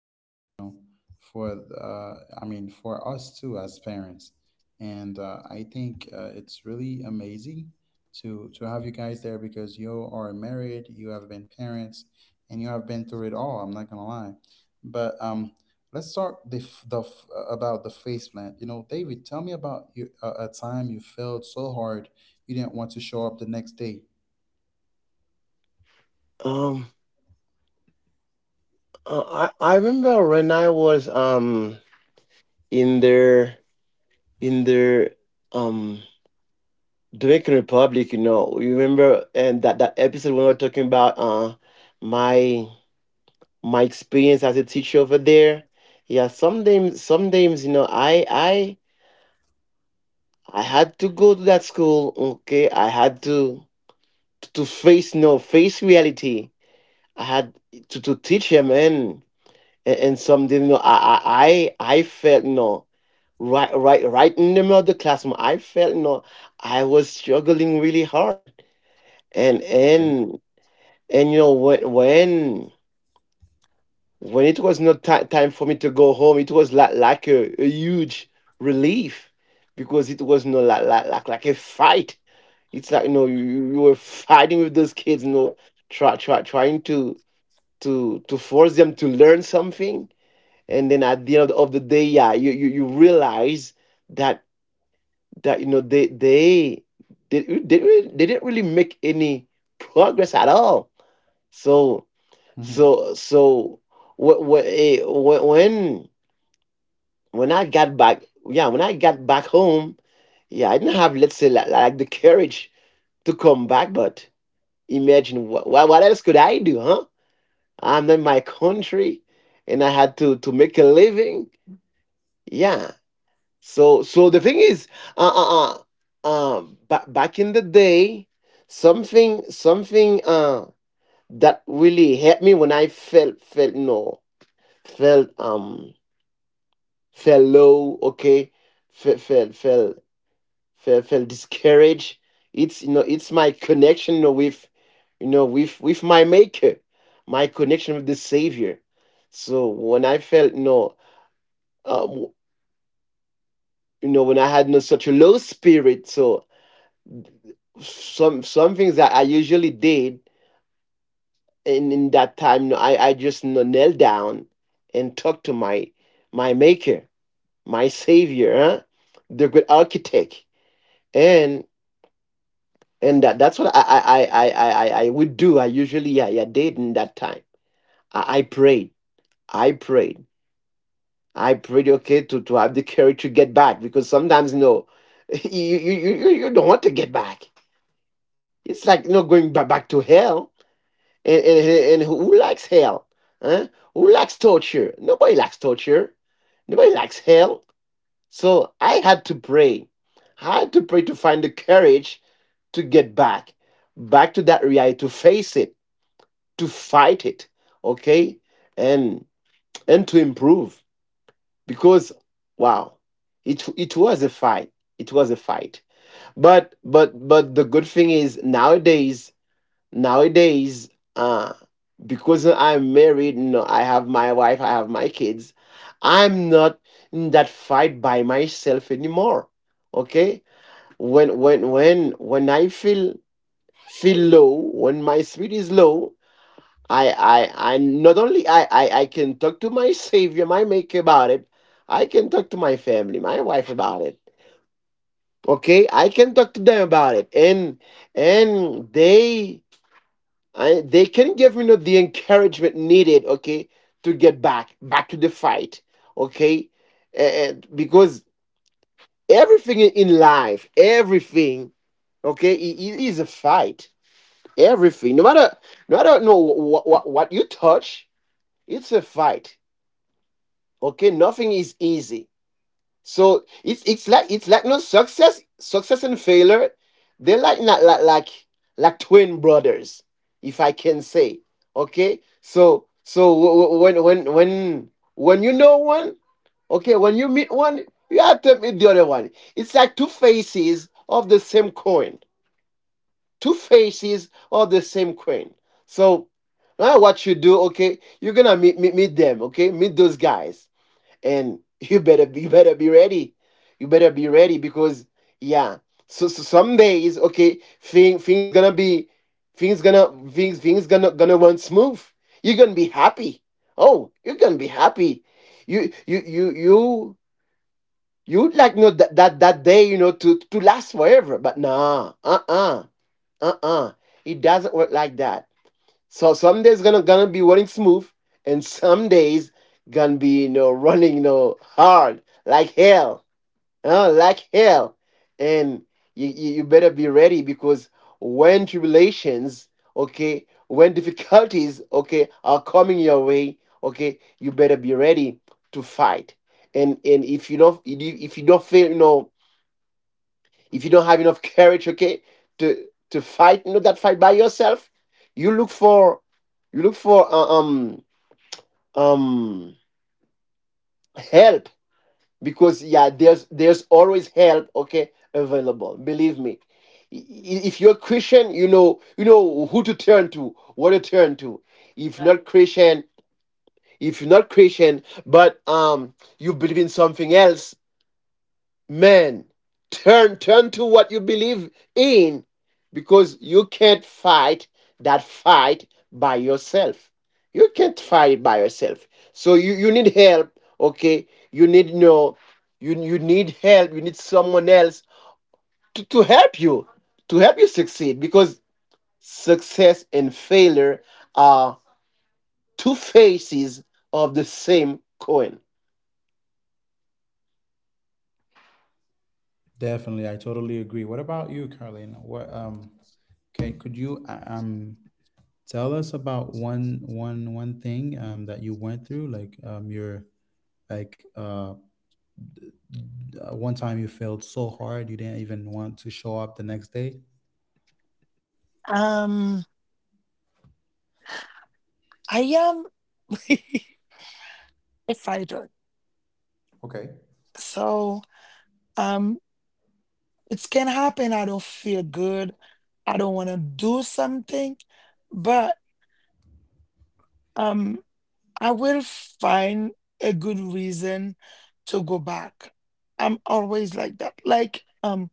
the kid. You know, I mean, for us too as parents. And I think it's really amazing to have you guys there because you are married, you have been parents, and you have been through it all. I'm not gonna lie, but let's talk about the face plant. You know, David, tell me about your, a time you failed so hard you didn't want to show up the next day. Um, I remember when I was in the in the um Dominican Republic. You know, you remember and that episode when we were talking about my my experience as a teacher over there. Yeah, sometimes you know, I had to go to that school. Okay, I had to face no face reality. I had to teach him, man, and some didn't know. I felt no right in the middle of the classroom. I felt no I was struggling really hard, and Okay. and and you know, when it was not time for me to go home, it was like a huge relief, because it was no like a fight. It's like, you know, you were fighting with those kids, you know, trying to force them to learn something. And then at the end of the day, yeah, you realize that, you know, they didn't really make any progress at all. So so so wh- wh- eh, wh- when I got back yeah when I got back home yeah I didn't have let's say like the courage to come back. But imagine what else could I do, huh? I'm in my country and I had to make a living, yeah. So the thing is, uh uh uh, back in the day, something that really helped me when I felt felt no felt felt low. Okay, felt felt felt felt discouraged. It's, you know, it's my connection, you know, with, you know, with my maker, my connection with the savior. So when I felt no um you know, when I had no such a low spirit, so some things that I usually did in that time, no, I just, you know, knelt down and talked to my maker, my savior, huh? The good architect. And and that's what I would do. I did in that time. I prayed. I prayed. I prayed, okay, to have the courage to get back, because sometimes, you know, you don't want to get back. It's like, you know, going back to hell. And who likes hell? Huh? Who likes torture? Nobody likes torture. Nobody likes hell. So I had to pray. I had to pray to find the courage to get back, back to that reality, to face it, to fight it, okay, and and to improve. Because, wow, it was a fight. It was a fight. But the good thing is nowadays, nowadays uh because I'm married, no I have my wife, I have my kids. I'm not in that fight by myself anymore, okay. When I feel low, when my spirit is low, I not only I can talk to my savior, my maker about it. I can talk to my family, my wife about it. Okay, I can talk to them about it, and they can give, you know, the encouragement needed, okay, to get back, back to the fight, okay. And because everything in life, everything, okay, is a fight, everything, no matter, no matter, no what you touch, it's a fight, okay. Nothing is easy. So it's like, it's like no success, success and failure. They're like, not like, like twin brothers, if I can say. Okay, so when you know one, okay, when you meet one, you have to meet the other one. It's like two faces of the same coin. Two faces of the same coin. So now what you do, okay, you're gonna meet them, okay, meet those guys, and you better be ready. Because, yeah, so some days, okay, things gonna be, things gonna run smooth. You're gonna be happy. Oh, you're gonna be happy. you you you you You'd like, you know, that day, you know, to last forever, but nah, uh-uh, uh-uh. It doesn't work like that. So some days gonna be running smooth, and some days gonna be, you know, running, you know, hard like hell, huh? Like hell. And you better be ready, because when tribulations, okay, when difficulties, okay, are coming your way, okay, you better be ready to fight. And if you don't feel, you know, if you don't have enough courage, okay, to to fight, not that fight by yourself, you look for you look for um help, because, yeah, there's always help, okay, available. Believe me. If you're a Christian, you know, who to turn to, what to turn to. If you're not Christian, if you're not Christian, but you believe in something else, man, turn to what you believe in, because you can't fight that fight by yourself. You can't fight by yourself. So you need help. Okay, you need no you need help. You need someone else to help you to help you succeed, because success and failure are two faces of the same coin. Definitely, I totally agree. What about you, Carlina? What can could you tell us about one thing that you went through, like, your, like, one time you failed so hard you didn't even want to show up the next day? Um, I am a fighter. Okay. So, um, it can happen. I don't feel good. I don't want to do something, but um, I will find a good reason to go back. I'm always like that.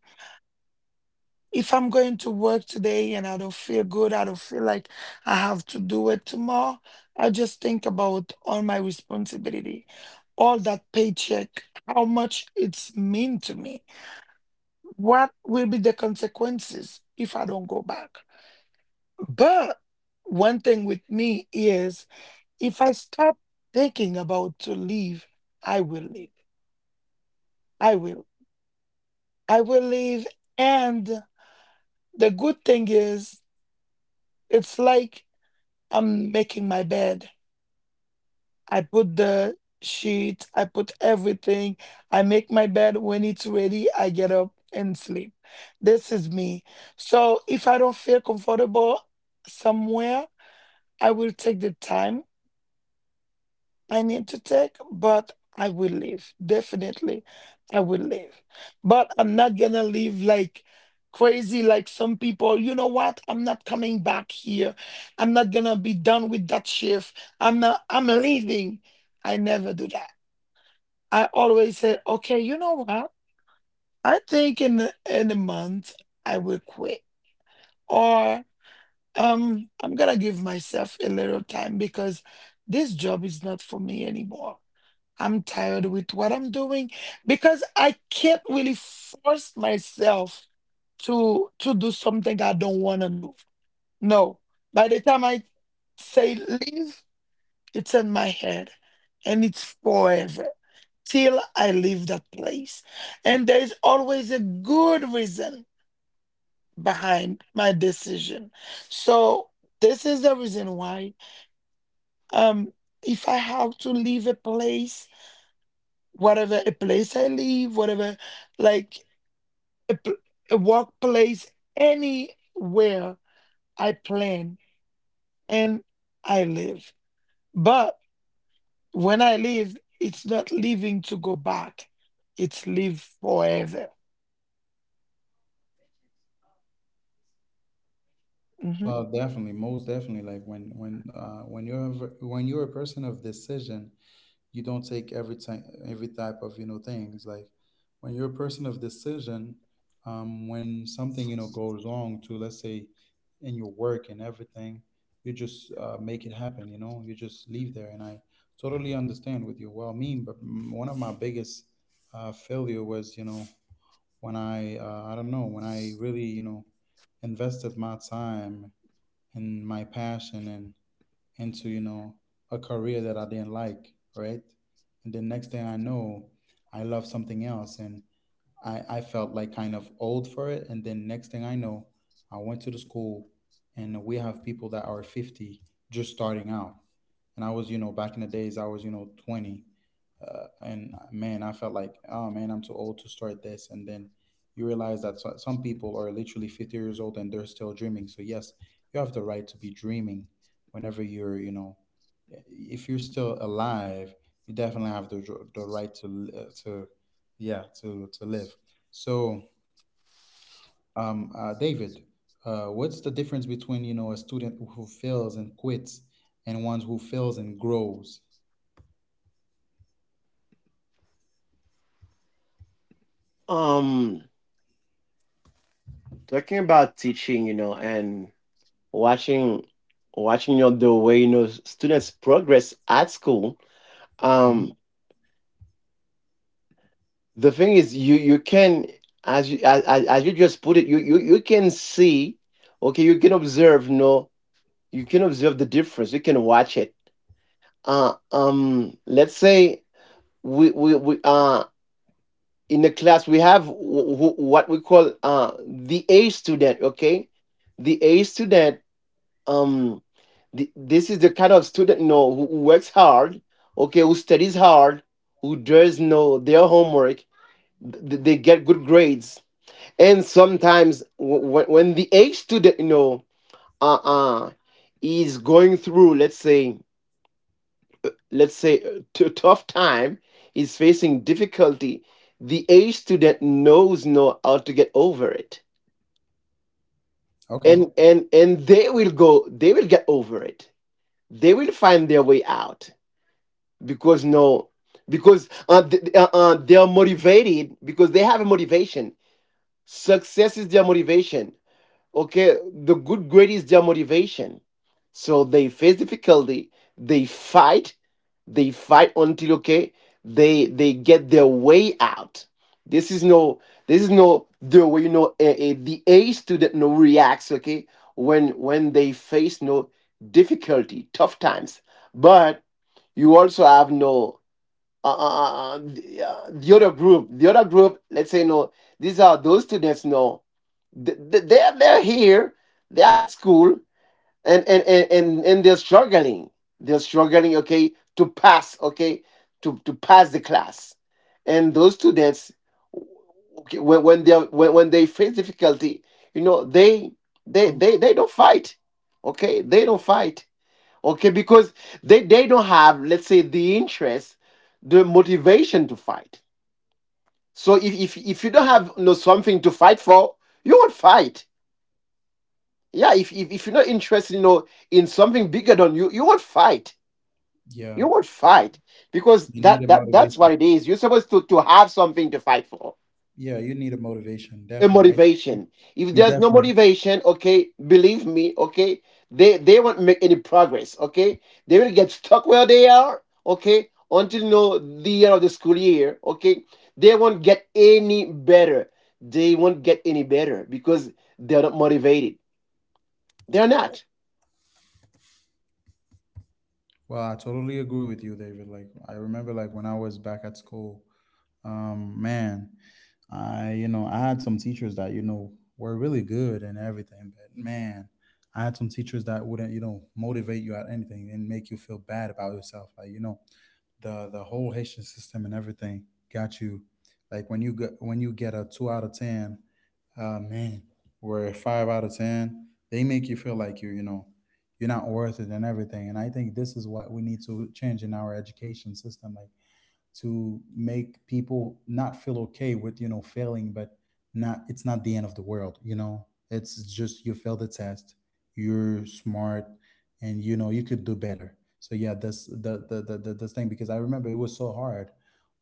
If I'm going to work today and I don't feel good, I don't feel like I have to do it tomorrow, I just think about all my responsibility, all that paycheck, how much it's mean to me. What will be the consequences if I don't go back? But one thing with me is if I stop thinking about to leave, I will leave. I will. I will leave. And the good thing is, it's like I'm making my bed. I put the sheet, I put everything. I make my bed when it's ready, I get up and sleep. This is me. So if I don't feel comfortable somewhere, I will take the time I need to take, but I will leave. Definitely, I will leave. But I'm not gonna leave like crazy, like some people. You know what? I'm not coming back here. I'm not gonna be done with that shift. I'm leaving. I never do that. I always say, okay, you know what? I think in a month I will quit, or I'm gonna give myself a little time because this job is not for me anymore. I'm tired with what I'm doing because I can't really force myself to do something I don't want to do. No. By the time I say leave, it's in my head and it's forever till I leave that place. And there is always a good reason behind my decision. So this is the reason why um if I have to leave a place, whatever a place I live, whatever like a, pl- a workplace, anywhere, I plan and I live. But when I live, it's not living to go back; it's live forever. Mhm. Well, definitely, most definitely, like, when when you're a person of decision, you don't take every time every type of, things, like when you're a person of decision, when something, goes wrong, to, let's say, in your work and everything, you just make it happen, you know. You just leave there, and I totally understand with you. Well, me, but m- one of my biggest failure was, you know, when I don't know, when I really, you know, invested my time and my passion, and into, you know, a career that I didn't like, right? And the next thing I know, I love something else, and I felt like kind of old for it. And then next thing I know, I went to the school, and we have people that are 50 just starting out. And I was, you know, back in the days, I was, you know, 20. And man, I felt like, oh man, I'm too old to start this. And then you realize that some people are literally 50 years old and they're still dreaming. So, yes, you have the right to be dreaming whenever you're, you know, if you're still alive, you definitely have the right to, yeah, to live. So David, what's the difference between, you know, a student who fails and quits and ones who fails and grows? um Talking about teaching, you know, and watching watching, you know, the way, you know, students progress at school, Mhm. um the thing is, you can, as you, as you just put it, you can see, okay, you can observe, no you can observe the difference, you can watch it. Let's say, we in the class we have what we call, the A student, okay, the A student. um this is the kind of student, you know, who works hard, okay, who studies hard, who does know their homework. They get good grades. And sometimes when the A student, you know, uh-uh is going through, let's say, a tough time, is facing difficulty, the A student knows know how to get over it. Okay. And they will get over it. They will find their way out, because no because th- they are motivated, because they have a motivation. Success is their motivation. Okay, the good grade is their motivation. So they face difficulty. They fight. They fight until, okay, they get their way out. this is no this is no the way, you know, the A student, no reacts, okay, when they face no difficulty, tough times. But you also have, no the, the other group, let's say, no, these are those students, no, they're here, they're at school, and they're struggling. They're struggling, okay, to pass, okay, to pass the class. And those students, okay, when they face difficulty, you know, they don't fight, okay? They don't fight, okay, because they don't have, let's say, the interest, the motivation to fight. So if you don't have, you know, something to fight for, you won't fight. Yeah, if you're not interested, you know, in something bigger than you, you won't fight. Yeah, You won't fight because you need a that's motivation. what it is. You're supposed to have something to fight for. Yeah, you need a motivation, A definitely. I— motivation. If You there's no definitely— motivation, okay, believe me, okay, they won't make any progress. Okay, they will get stuck where they are, okay, until, you know, the end of the school year. Okay, they won't get any better. They won't get any better because they're not motivated. They're not. Well, I totally agree with you, David. Like, I remember, like, when I was back at school. Man, I you know I had some teachers that, were really good and everything, but man, I had some teachers that wouldn't, motivate you at anything and make you feel bad about yourself. Like, the whole Haitian system and everything got you. Like, when you get a 2 out of 10, man, or a 5 out of 10, they make you feel like you're not worth it and everything. And I think this is what we need to change in our education system. Like, to make people not feel okay with, failing, but not, it's not the end of the world, you know. It's just you failed the test, you're smart, and, you could do better. So yeah, that's the this thing, because I remember it was so hard.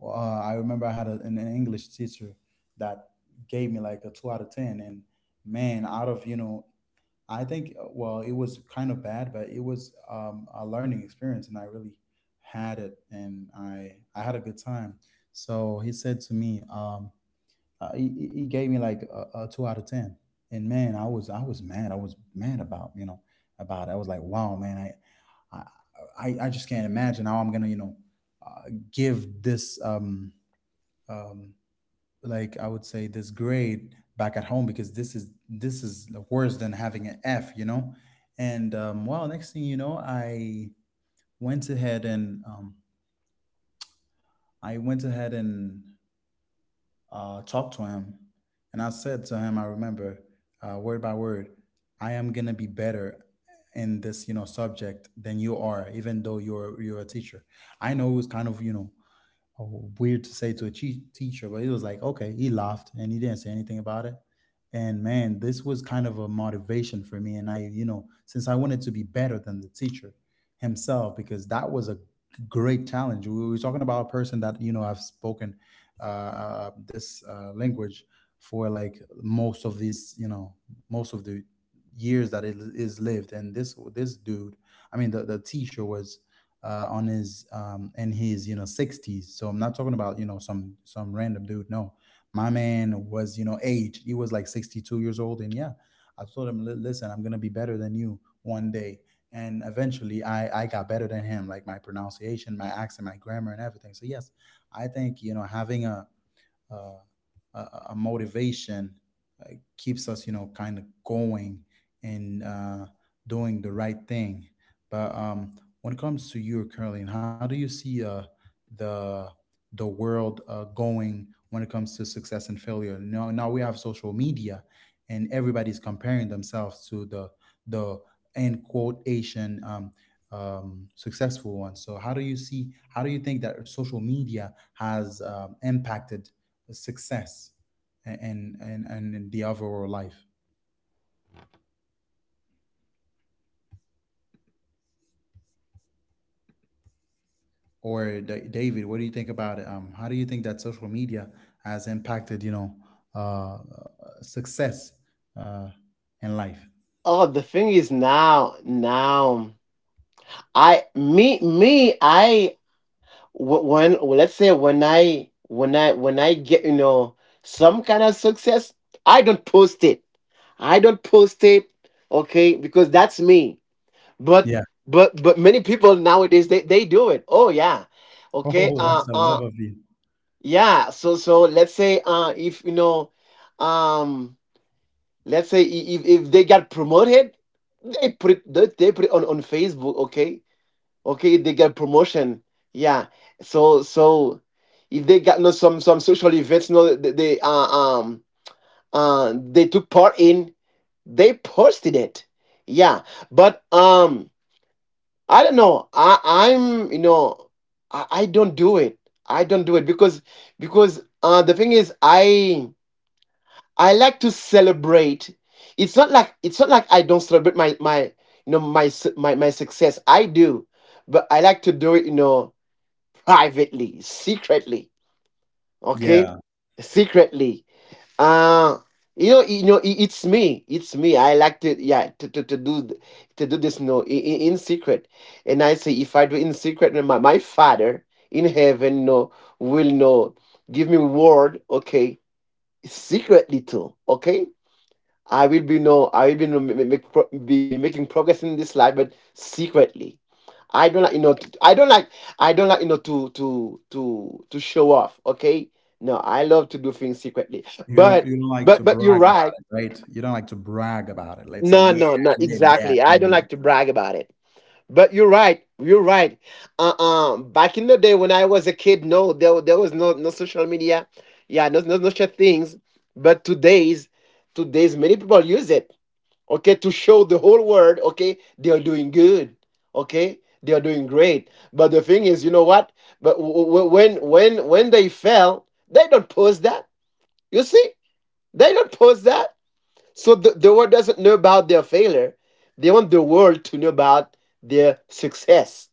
I remember I had an English teacher that gave me like a 2 out of 10. And, man, out of, you know, I think, well, it was kind of bad, but it was a learning experience, and I really had it, and I had a good time. So he said to me, he gave me like a 2 out of 10, and man, I was mad. I was mad about you know about. It. I was like, wow, man, I I just can't imagine how I'm gonna, give this, um, like, I would say, this grade back at home, because this is worse than having an F. And well, next thing you know, went ahead and um, I went ahead and talked to him, and I said to him, I remember, word by word, I am gonna be better in this, subject than you are, even though you're a teacher. I know it was kind of, oh, weird to say to a teacher, but it was like, okay, he laughed and he didn't say anything about it. And man, this was kind of a motivation for me. And I, since I wanted to be better than the teacher himself, because that was a great challenge. We were talking about a person that, you know, I've spoken this language for like most of the years that it is lived. And this dude, I mean, the teacher was on his in his, 60s. So I'm not talking about, some random dude. No, my man was, aged. He was like 62 years old, and yeah, I told him, "Listen, I'm gonna be better than you one day." And eventually, I got better than him, like my pronunciation, my accent, my grammar, and everything. So yes, I think, you know, having uh, a motivation keeps us, kind of going, and doing the right thing, but when it comes to you, Curling, how do you see, the the world going when it comes to success and failure? Now, we have social media, and everybody's comparing themselves to the end quote Asian, successful one. So how do you think that social media has, impacted success, and in the overall life? Or David, what do you think about it? How do you think that social media has impacted, you know, success, uh in life? Oh, the thing is, now, now I me me I. Let's say, when I get, you know, some kind of success, I don't post it. I don't post it, okay, because that's me. But Yeah. but many people nowadays, they do it. Oh yeah. Okay. Oh, that's a love of you. Yeah. So let's say, if you know, um let's say, if they got promoted, they put it on Facebook. Okay. Okay, they get promotion, yeah. So, if they got, no some social events, no they, um they took part in, they posted it, yeah. But I don't know, I I'm you know I don't do it. I don't do it because, the thing is, I like to celebrate. It's not like I don't celebrate my my you know, my success, I do. But I like to do it, you know, privately, secretly. Okay, Yeah, secretly. Uh you know, you know, it's me. It's me. I like to, yeah, to do this, no, in secret. And I say, if I do in secret, then my Father in heaven, no, will know. Give me word, okay, secretly too, okay. I will be no, I will be, no, ma- ma- make pro- be making progress in this life, but secretly. I don't like. I don't like, you know, to show off. Okay, no, I love to do things secretly. you But don't you don't like but to but you're brag right. about it, right? You don't like to brag about it, let's say, No, yeah, no, no. I did Exactly. that I you don't know like to brag about it. But you're right. You're right. Back in the day when I was a kid, no, there was no social media. Yeah, no such things. But today's, many people use it, okay, to show the whole world, okay, they are doing good, okay, they are doing great. But the thing is, you know what? But when they fell, they don't post that. You see, they don't post that. So the world doesn't know about their failure. They want the world to know about their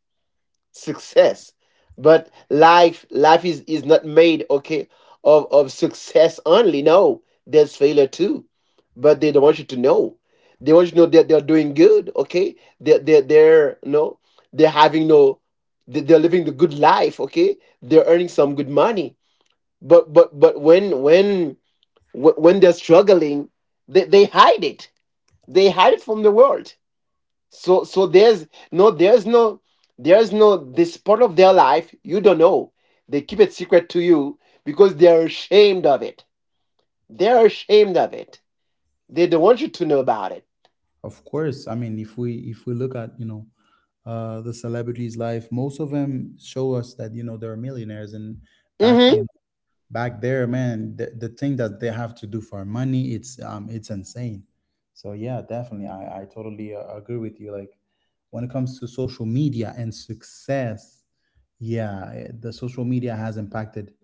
success. But life is not made, okay, of success only, no there's failure too. But they don't want you to know. They want you to know that they're doing good, okay, they're, no they're having no they- they're living the good life, okay, they're earning some good money. But when they're struggling, they hide it. They hide it from the world. So so there's no there's no there's no this part of their life you don't know. They keep it secret to you because they're ashamed of it. They're ashamed of it. They don't want you to know about it. Of course, I mean, if we look at, you know, the celebrities life, most of them show us that, they're millionaires. And back Mm-hmm. in back there, man, the thing that they have to do for money, it's insane. So yeah, definitely, I totally agree with you. Like, when it comes to social media and success, yeah, the social media has impacted,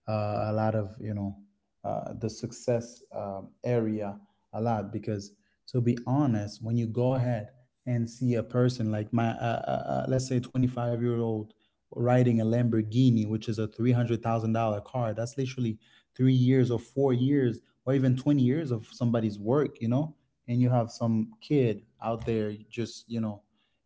a lot of, the success, area a lot, because to be honest, when you go ahead and see a person like my let's say, 25-year-old riding a Lamborghini, which is a $300,000 car. That's literally 3 years or 4 years or even 20 years of somebody's work. And you have some kid out there just,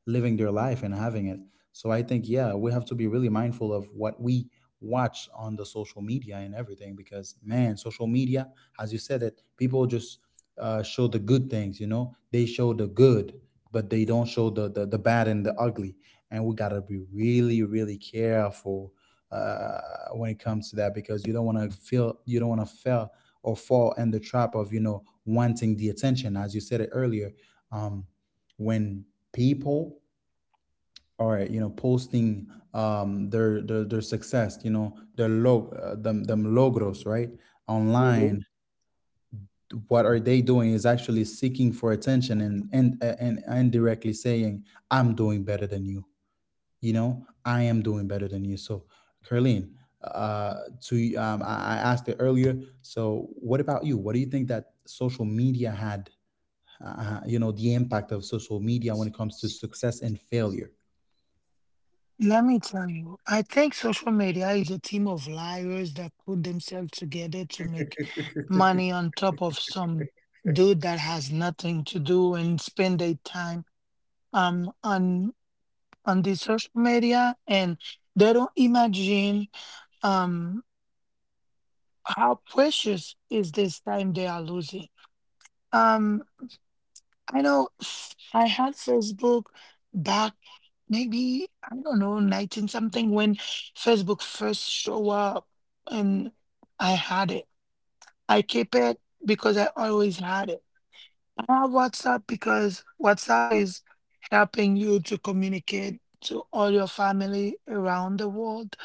living their life and having it. So I think, yeah, we have to be really mindful of what we watch on the social media and everything, because man, social media, as you said it, people just show the good things. They show the good, but they don't show the bad and the ugly, and we gotta be really, really careful uh, when it comes to that, because you don't want to feel, you don't want to fail, or fall in the trap of, wanting the attention, as you said it earlier. Um, when people are, posting, their success, you know, their log them logros, right, Mm-hmm. online. What are they doing is actually seeking for attention, and, indirectly saying, "I'm doing better than you." You know, I am doing better than you. So Carleen, to I asked it earlier, so what about you? What do you think that social media had, the impact of social media when it comes to success and failure? Let me tell you, I think social media is a team of liars that put themselves together to make money on top of some dude that has nothing to do and spend their time on. On the social media and they don't imagine um how precious is this time they are losing. um I know, I had Facebook back maybe, I don't know, 19 something, when Facebook first show up. And I had it, I keep it because I always had it. I have WhatsApp because WhatsApp is helping you to communicate to all your family around the world,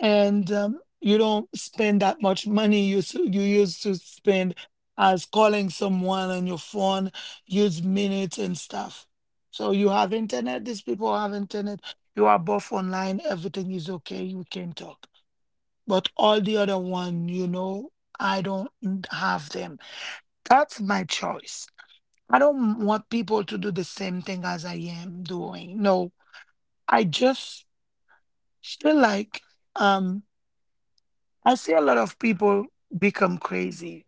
and you don't spend that much money you you used to spend as calling someone on your phone, use minutes and stuff. So you have internet. These people have internet. You are both online. Everything is okay. You can talk. But all the other one, you know, I don't have them. That's my choice. I don't want people to do the same thing as I am doing. No, I just feel like um. I see a lot of people become crazy.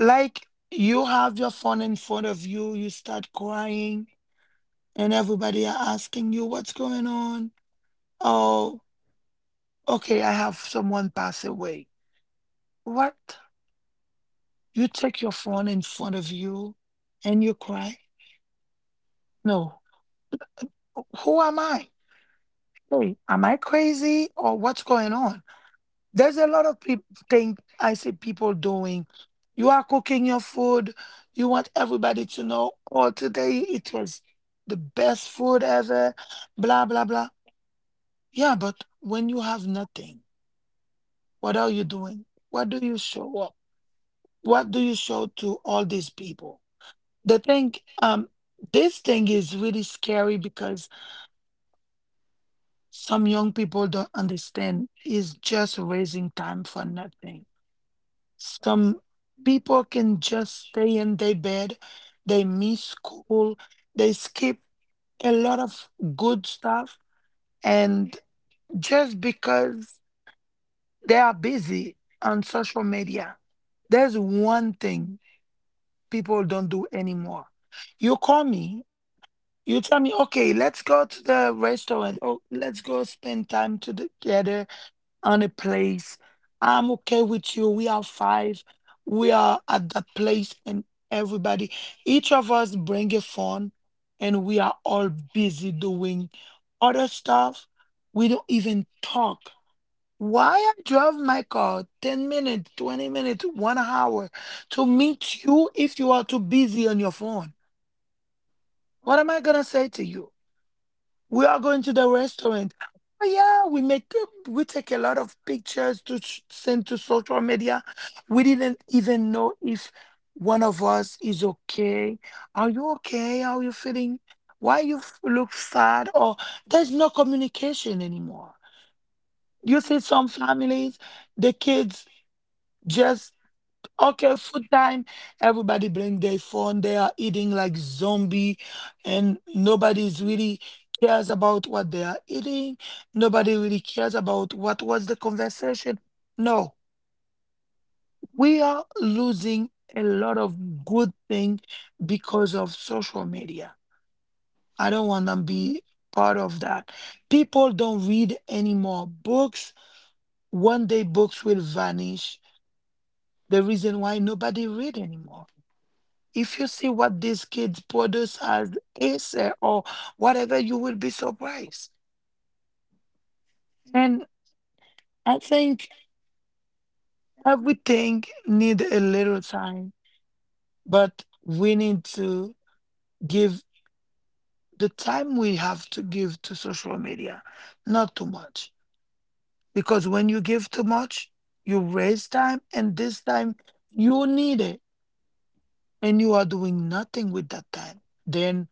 Like, you have your phone in front of you, you start crying, and everybody are asking you what's going on. Oh, okay, I have someone pass away. What? You take your phone in front of you and you cry? No. Who am I? Hey, am I crazy or what's going on? There's a lot of people think I see people doing. You are cooking your food. You want everybody to know, oh, today it was the best food ever, blah, blah, blah. Yeah, but when you have nothing, what are you doing? What do you show up? What do you show to all these people? The thing, um, this thing is really scary because some young people don't understand. It's just raising time for nothing. Some people can just stay in their bed. They miss school. They skip a lot of good stuff. And just because they are busy on social media, there's one thing people don't do anymore. You call me, you tell me, okay, let's go to the restaurant. Oh, let's go spend time together on a place. I'm okay with you. We are five. We are at that place, and everybody, each of us bring a phone, and we are all busy doing other stuff. We don't even talk. Why I drove my car 10 minutes, 20 minutes, 1 hour to meet you if you are too busy on your phone? What am I gonna say to you? We are going to the restaurant. Oh yeah, we take a lot of pictures to send to social media. We didn't even know if one of us is okay. Are you okay? How are you feeling? Why you look sad? Or, there's no communication anymore. You see some families, the kids just, okay, food time. Everybody bring their phone. They are eating like zombie, and nobody's really cares about what they are eating. Nobody really cares about what was the conversation. No, we are losing a lot of good thing because of social media. I don't want to be part of that. People don't read anymore books. One day books will vanish. The reason why nobody read anymore. If you see what these kids produce as essay or whatever, you will be surprised. And I think everything need a little time, but we need to give the time we have to give to social media, not too much. Because when you give too much, you waste time, and this time you need it, and you are doing nothing with that time. Then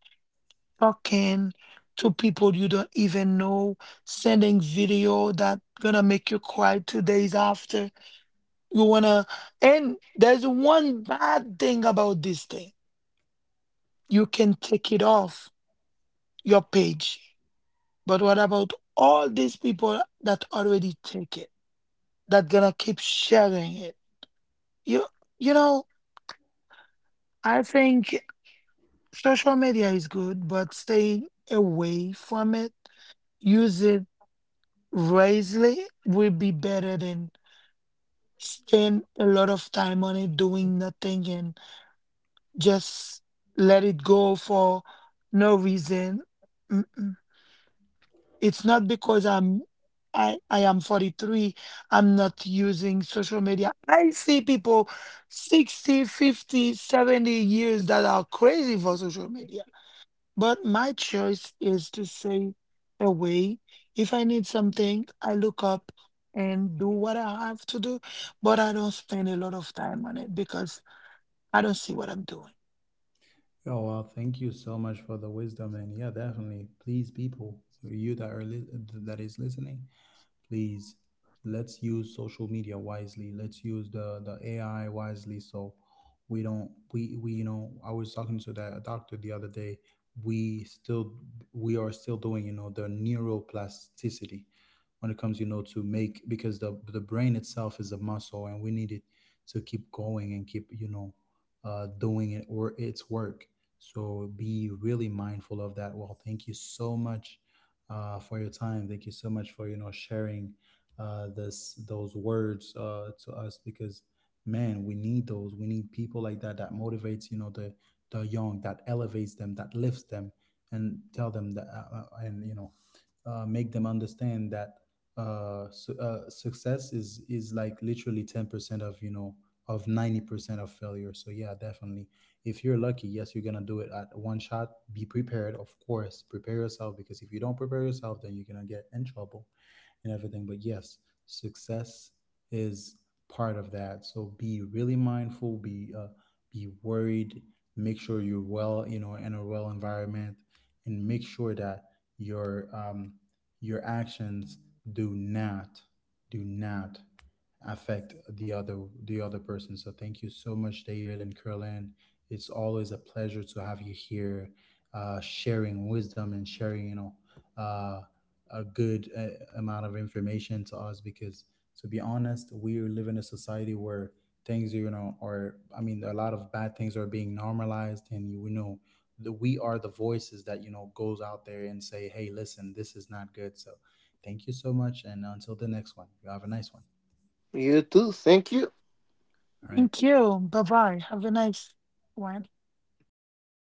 talking to people you don't even know, sending video that gonna make you cry 2 days after. You wanna, and there's one bad thing about this thing. You can take it off your page, but what about all these people that already take it, that gonna keep sharing it? You, you know, I think social media is good, but staying away from it, use it wisely will be better than spend a lot of time on it doing nothing and just let it go for no reason. Mm-mm. It's not because I am 43. I'm not using social media. I see people 60, 50, 70 years that are crazy for social media. But my choice is to stay away. If I need something, I look up and do what I have to do, but I don't spend a lot of time on it because I don't see what I'm doing. Oh, well, thank you so much for the wisdom. And yeah, definitely. Please, people, you that are li- that is listening, please, let's use social media wisely. Let's use the AI wisely. So we don't, we you know I was talking to that doctor the other day. We still we are still doing, the neuroplasticity, when it comes, to make, because the brain itself is a muscle, and we need it to keep going and keep, doing it or its work. So be really mindful of that. Well, thank you so much, for your time. Thank you so much for, sharing, this those words, to us, because man, we need people like that, that motivates, the young, that elevates them, that lifts them, and tell them that, and, make them understand that, success is like literally 10% of you know of 90% of failure. So yeah, definitely. If you're lucky, yes, you're gonna do it at one shot. Be prepared, of course. Prepare yourself, because if you don't prepare yourself, then you're gonna get in trouble and everything. But yes, success is part of that. So be really mindful, be worried, make sure you're well, you know, in a well environment, and make sure that your um, your actions do not do not affect the other person. So thank you so much, David and Curlin. It's always a pleasure to have you here, sharing wisdom and sharing, uh a good amount of information to us, because to be honest, we live in a society where things you know are I mean, a lot of bad things are being normalized, and we are the voices that, goes out there and say, hey, listen, this is not good. So thank you so much, and until the next one, you have a nice one. You too. Thank you. All right. Thank you. Bye bye. Have a nice one. Okay.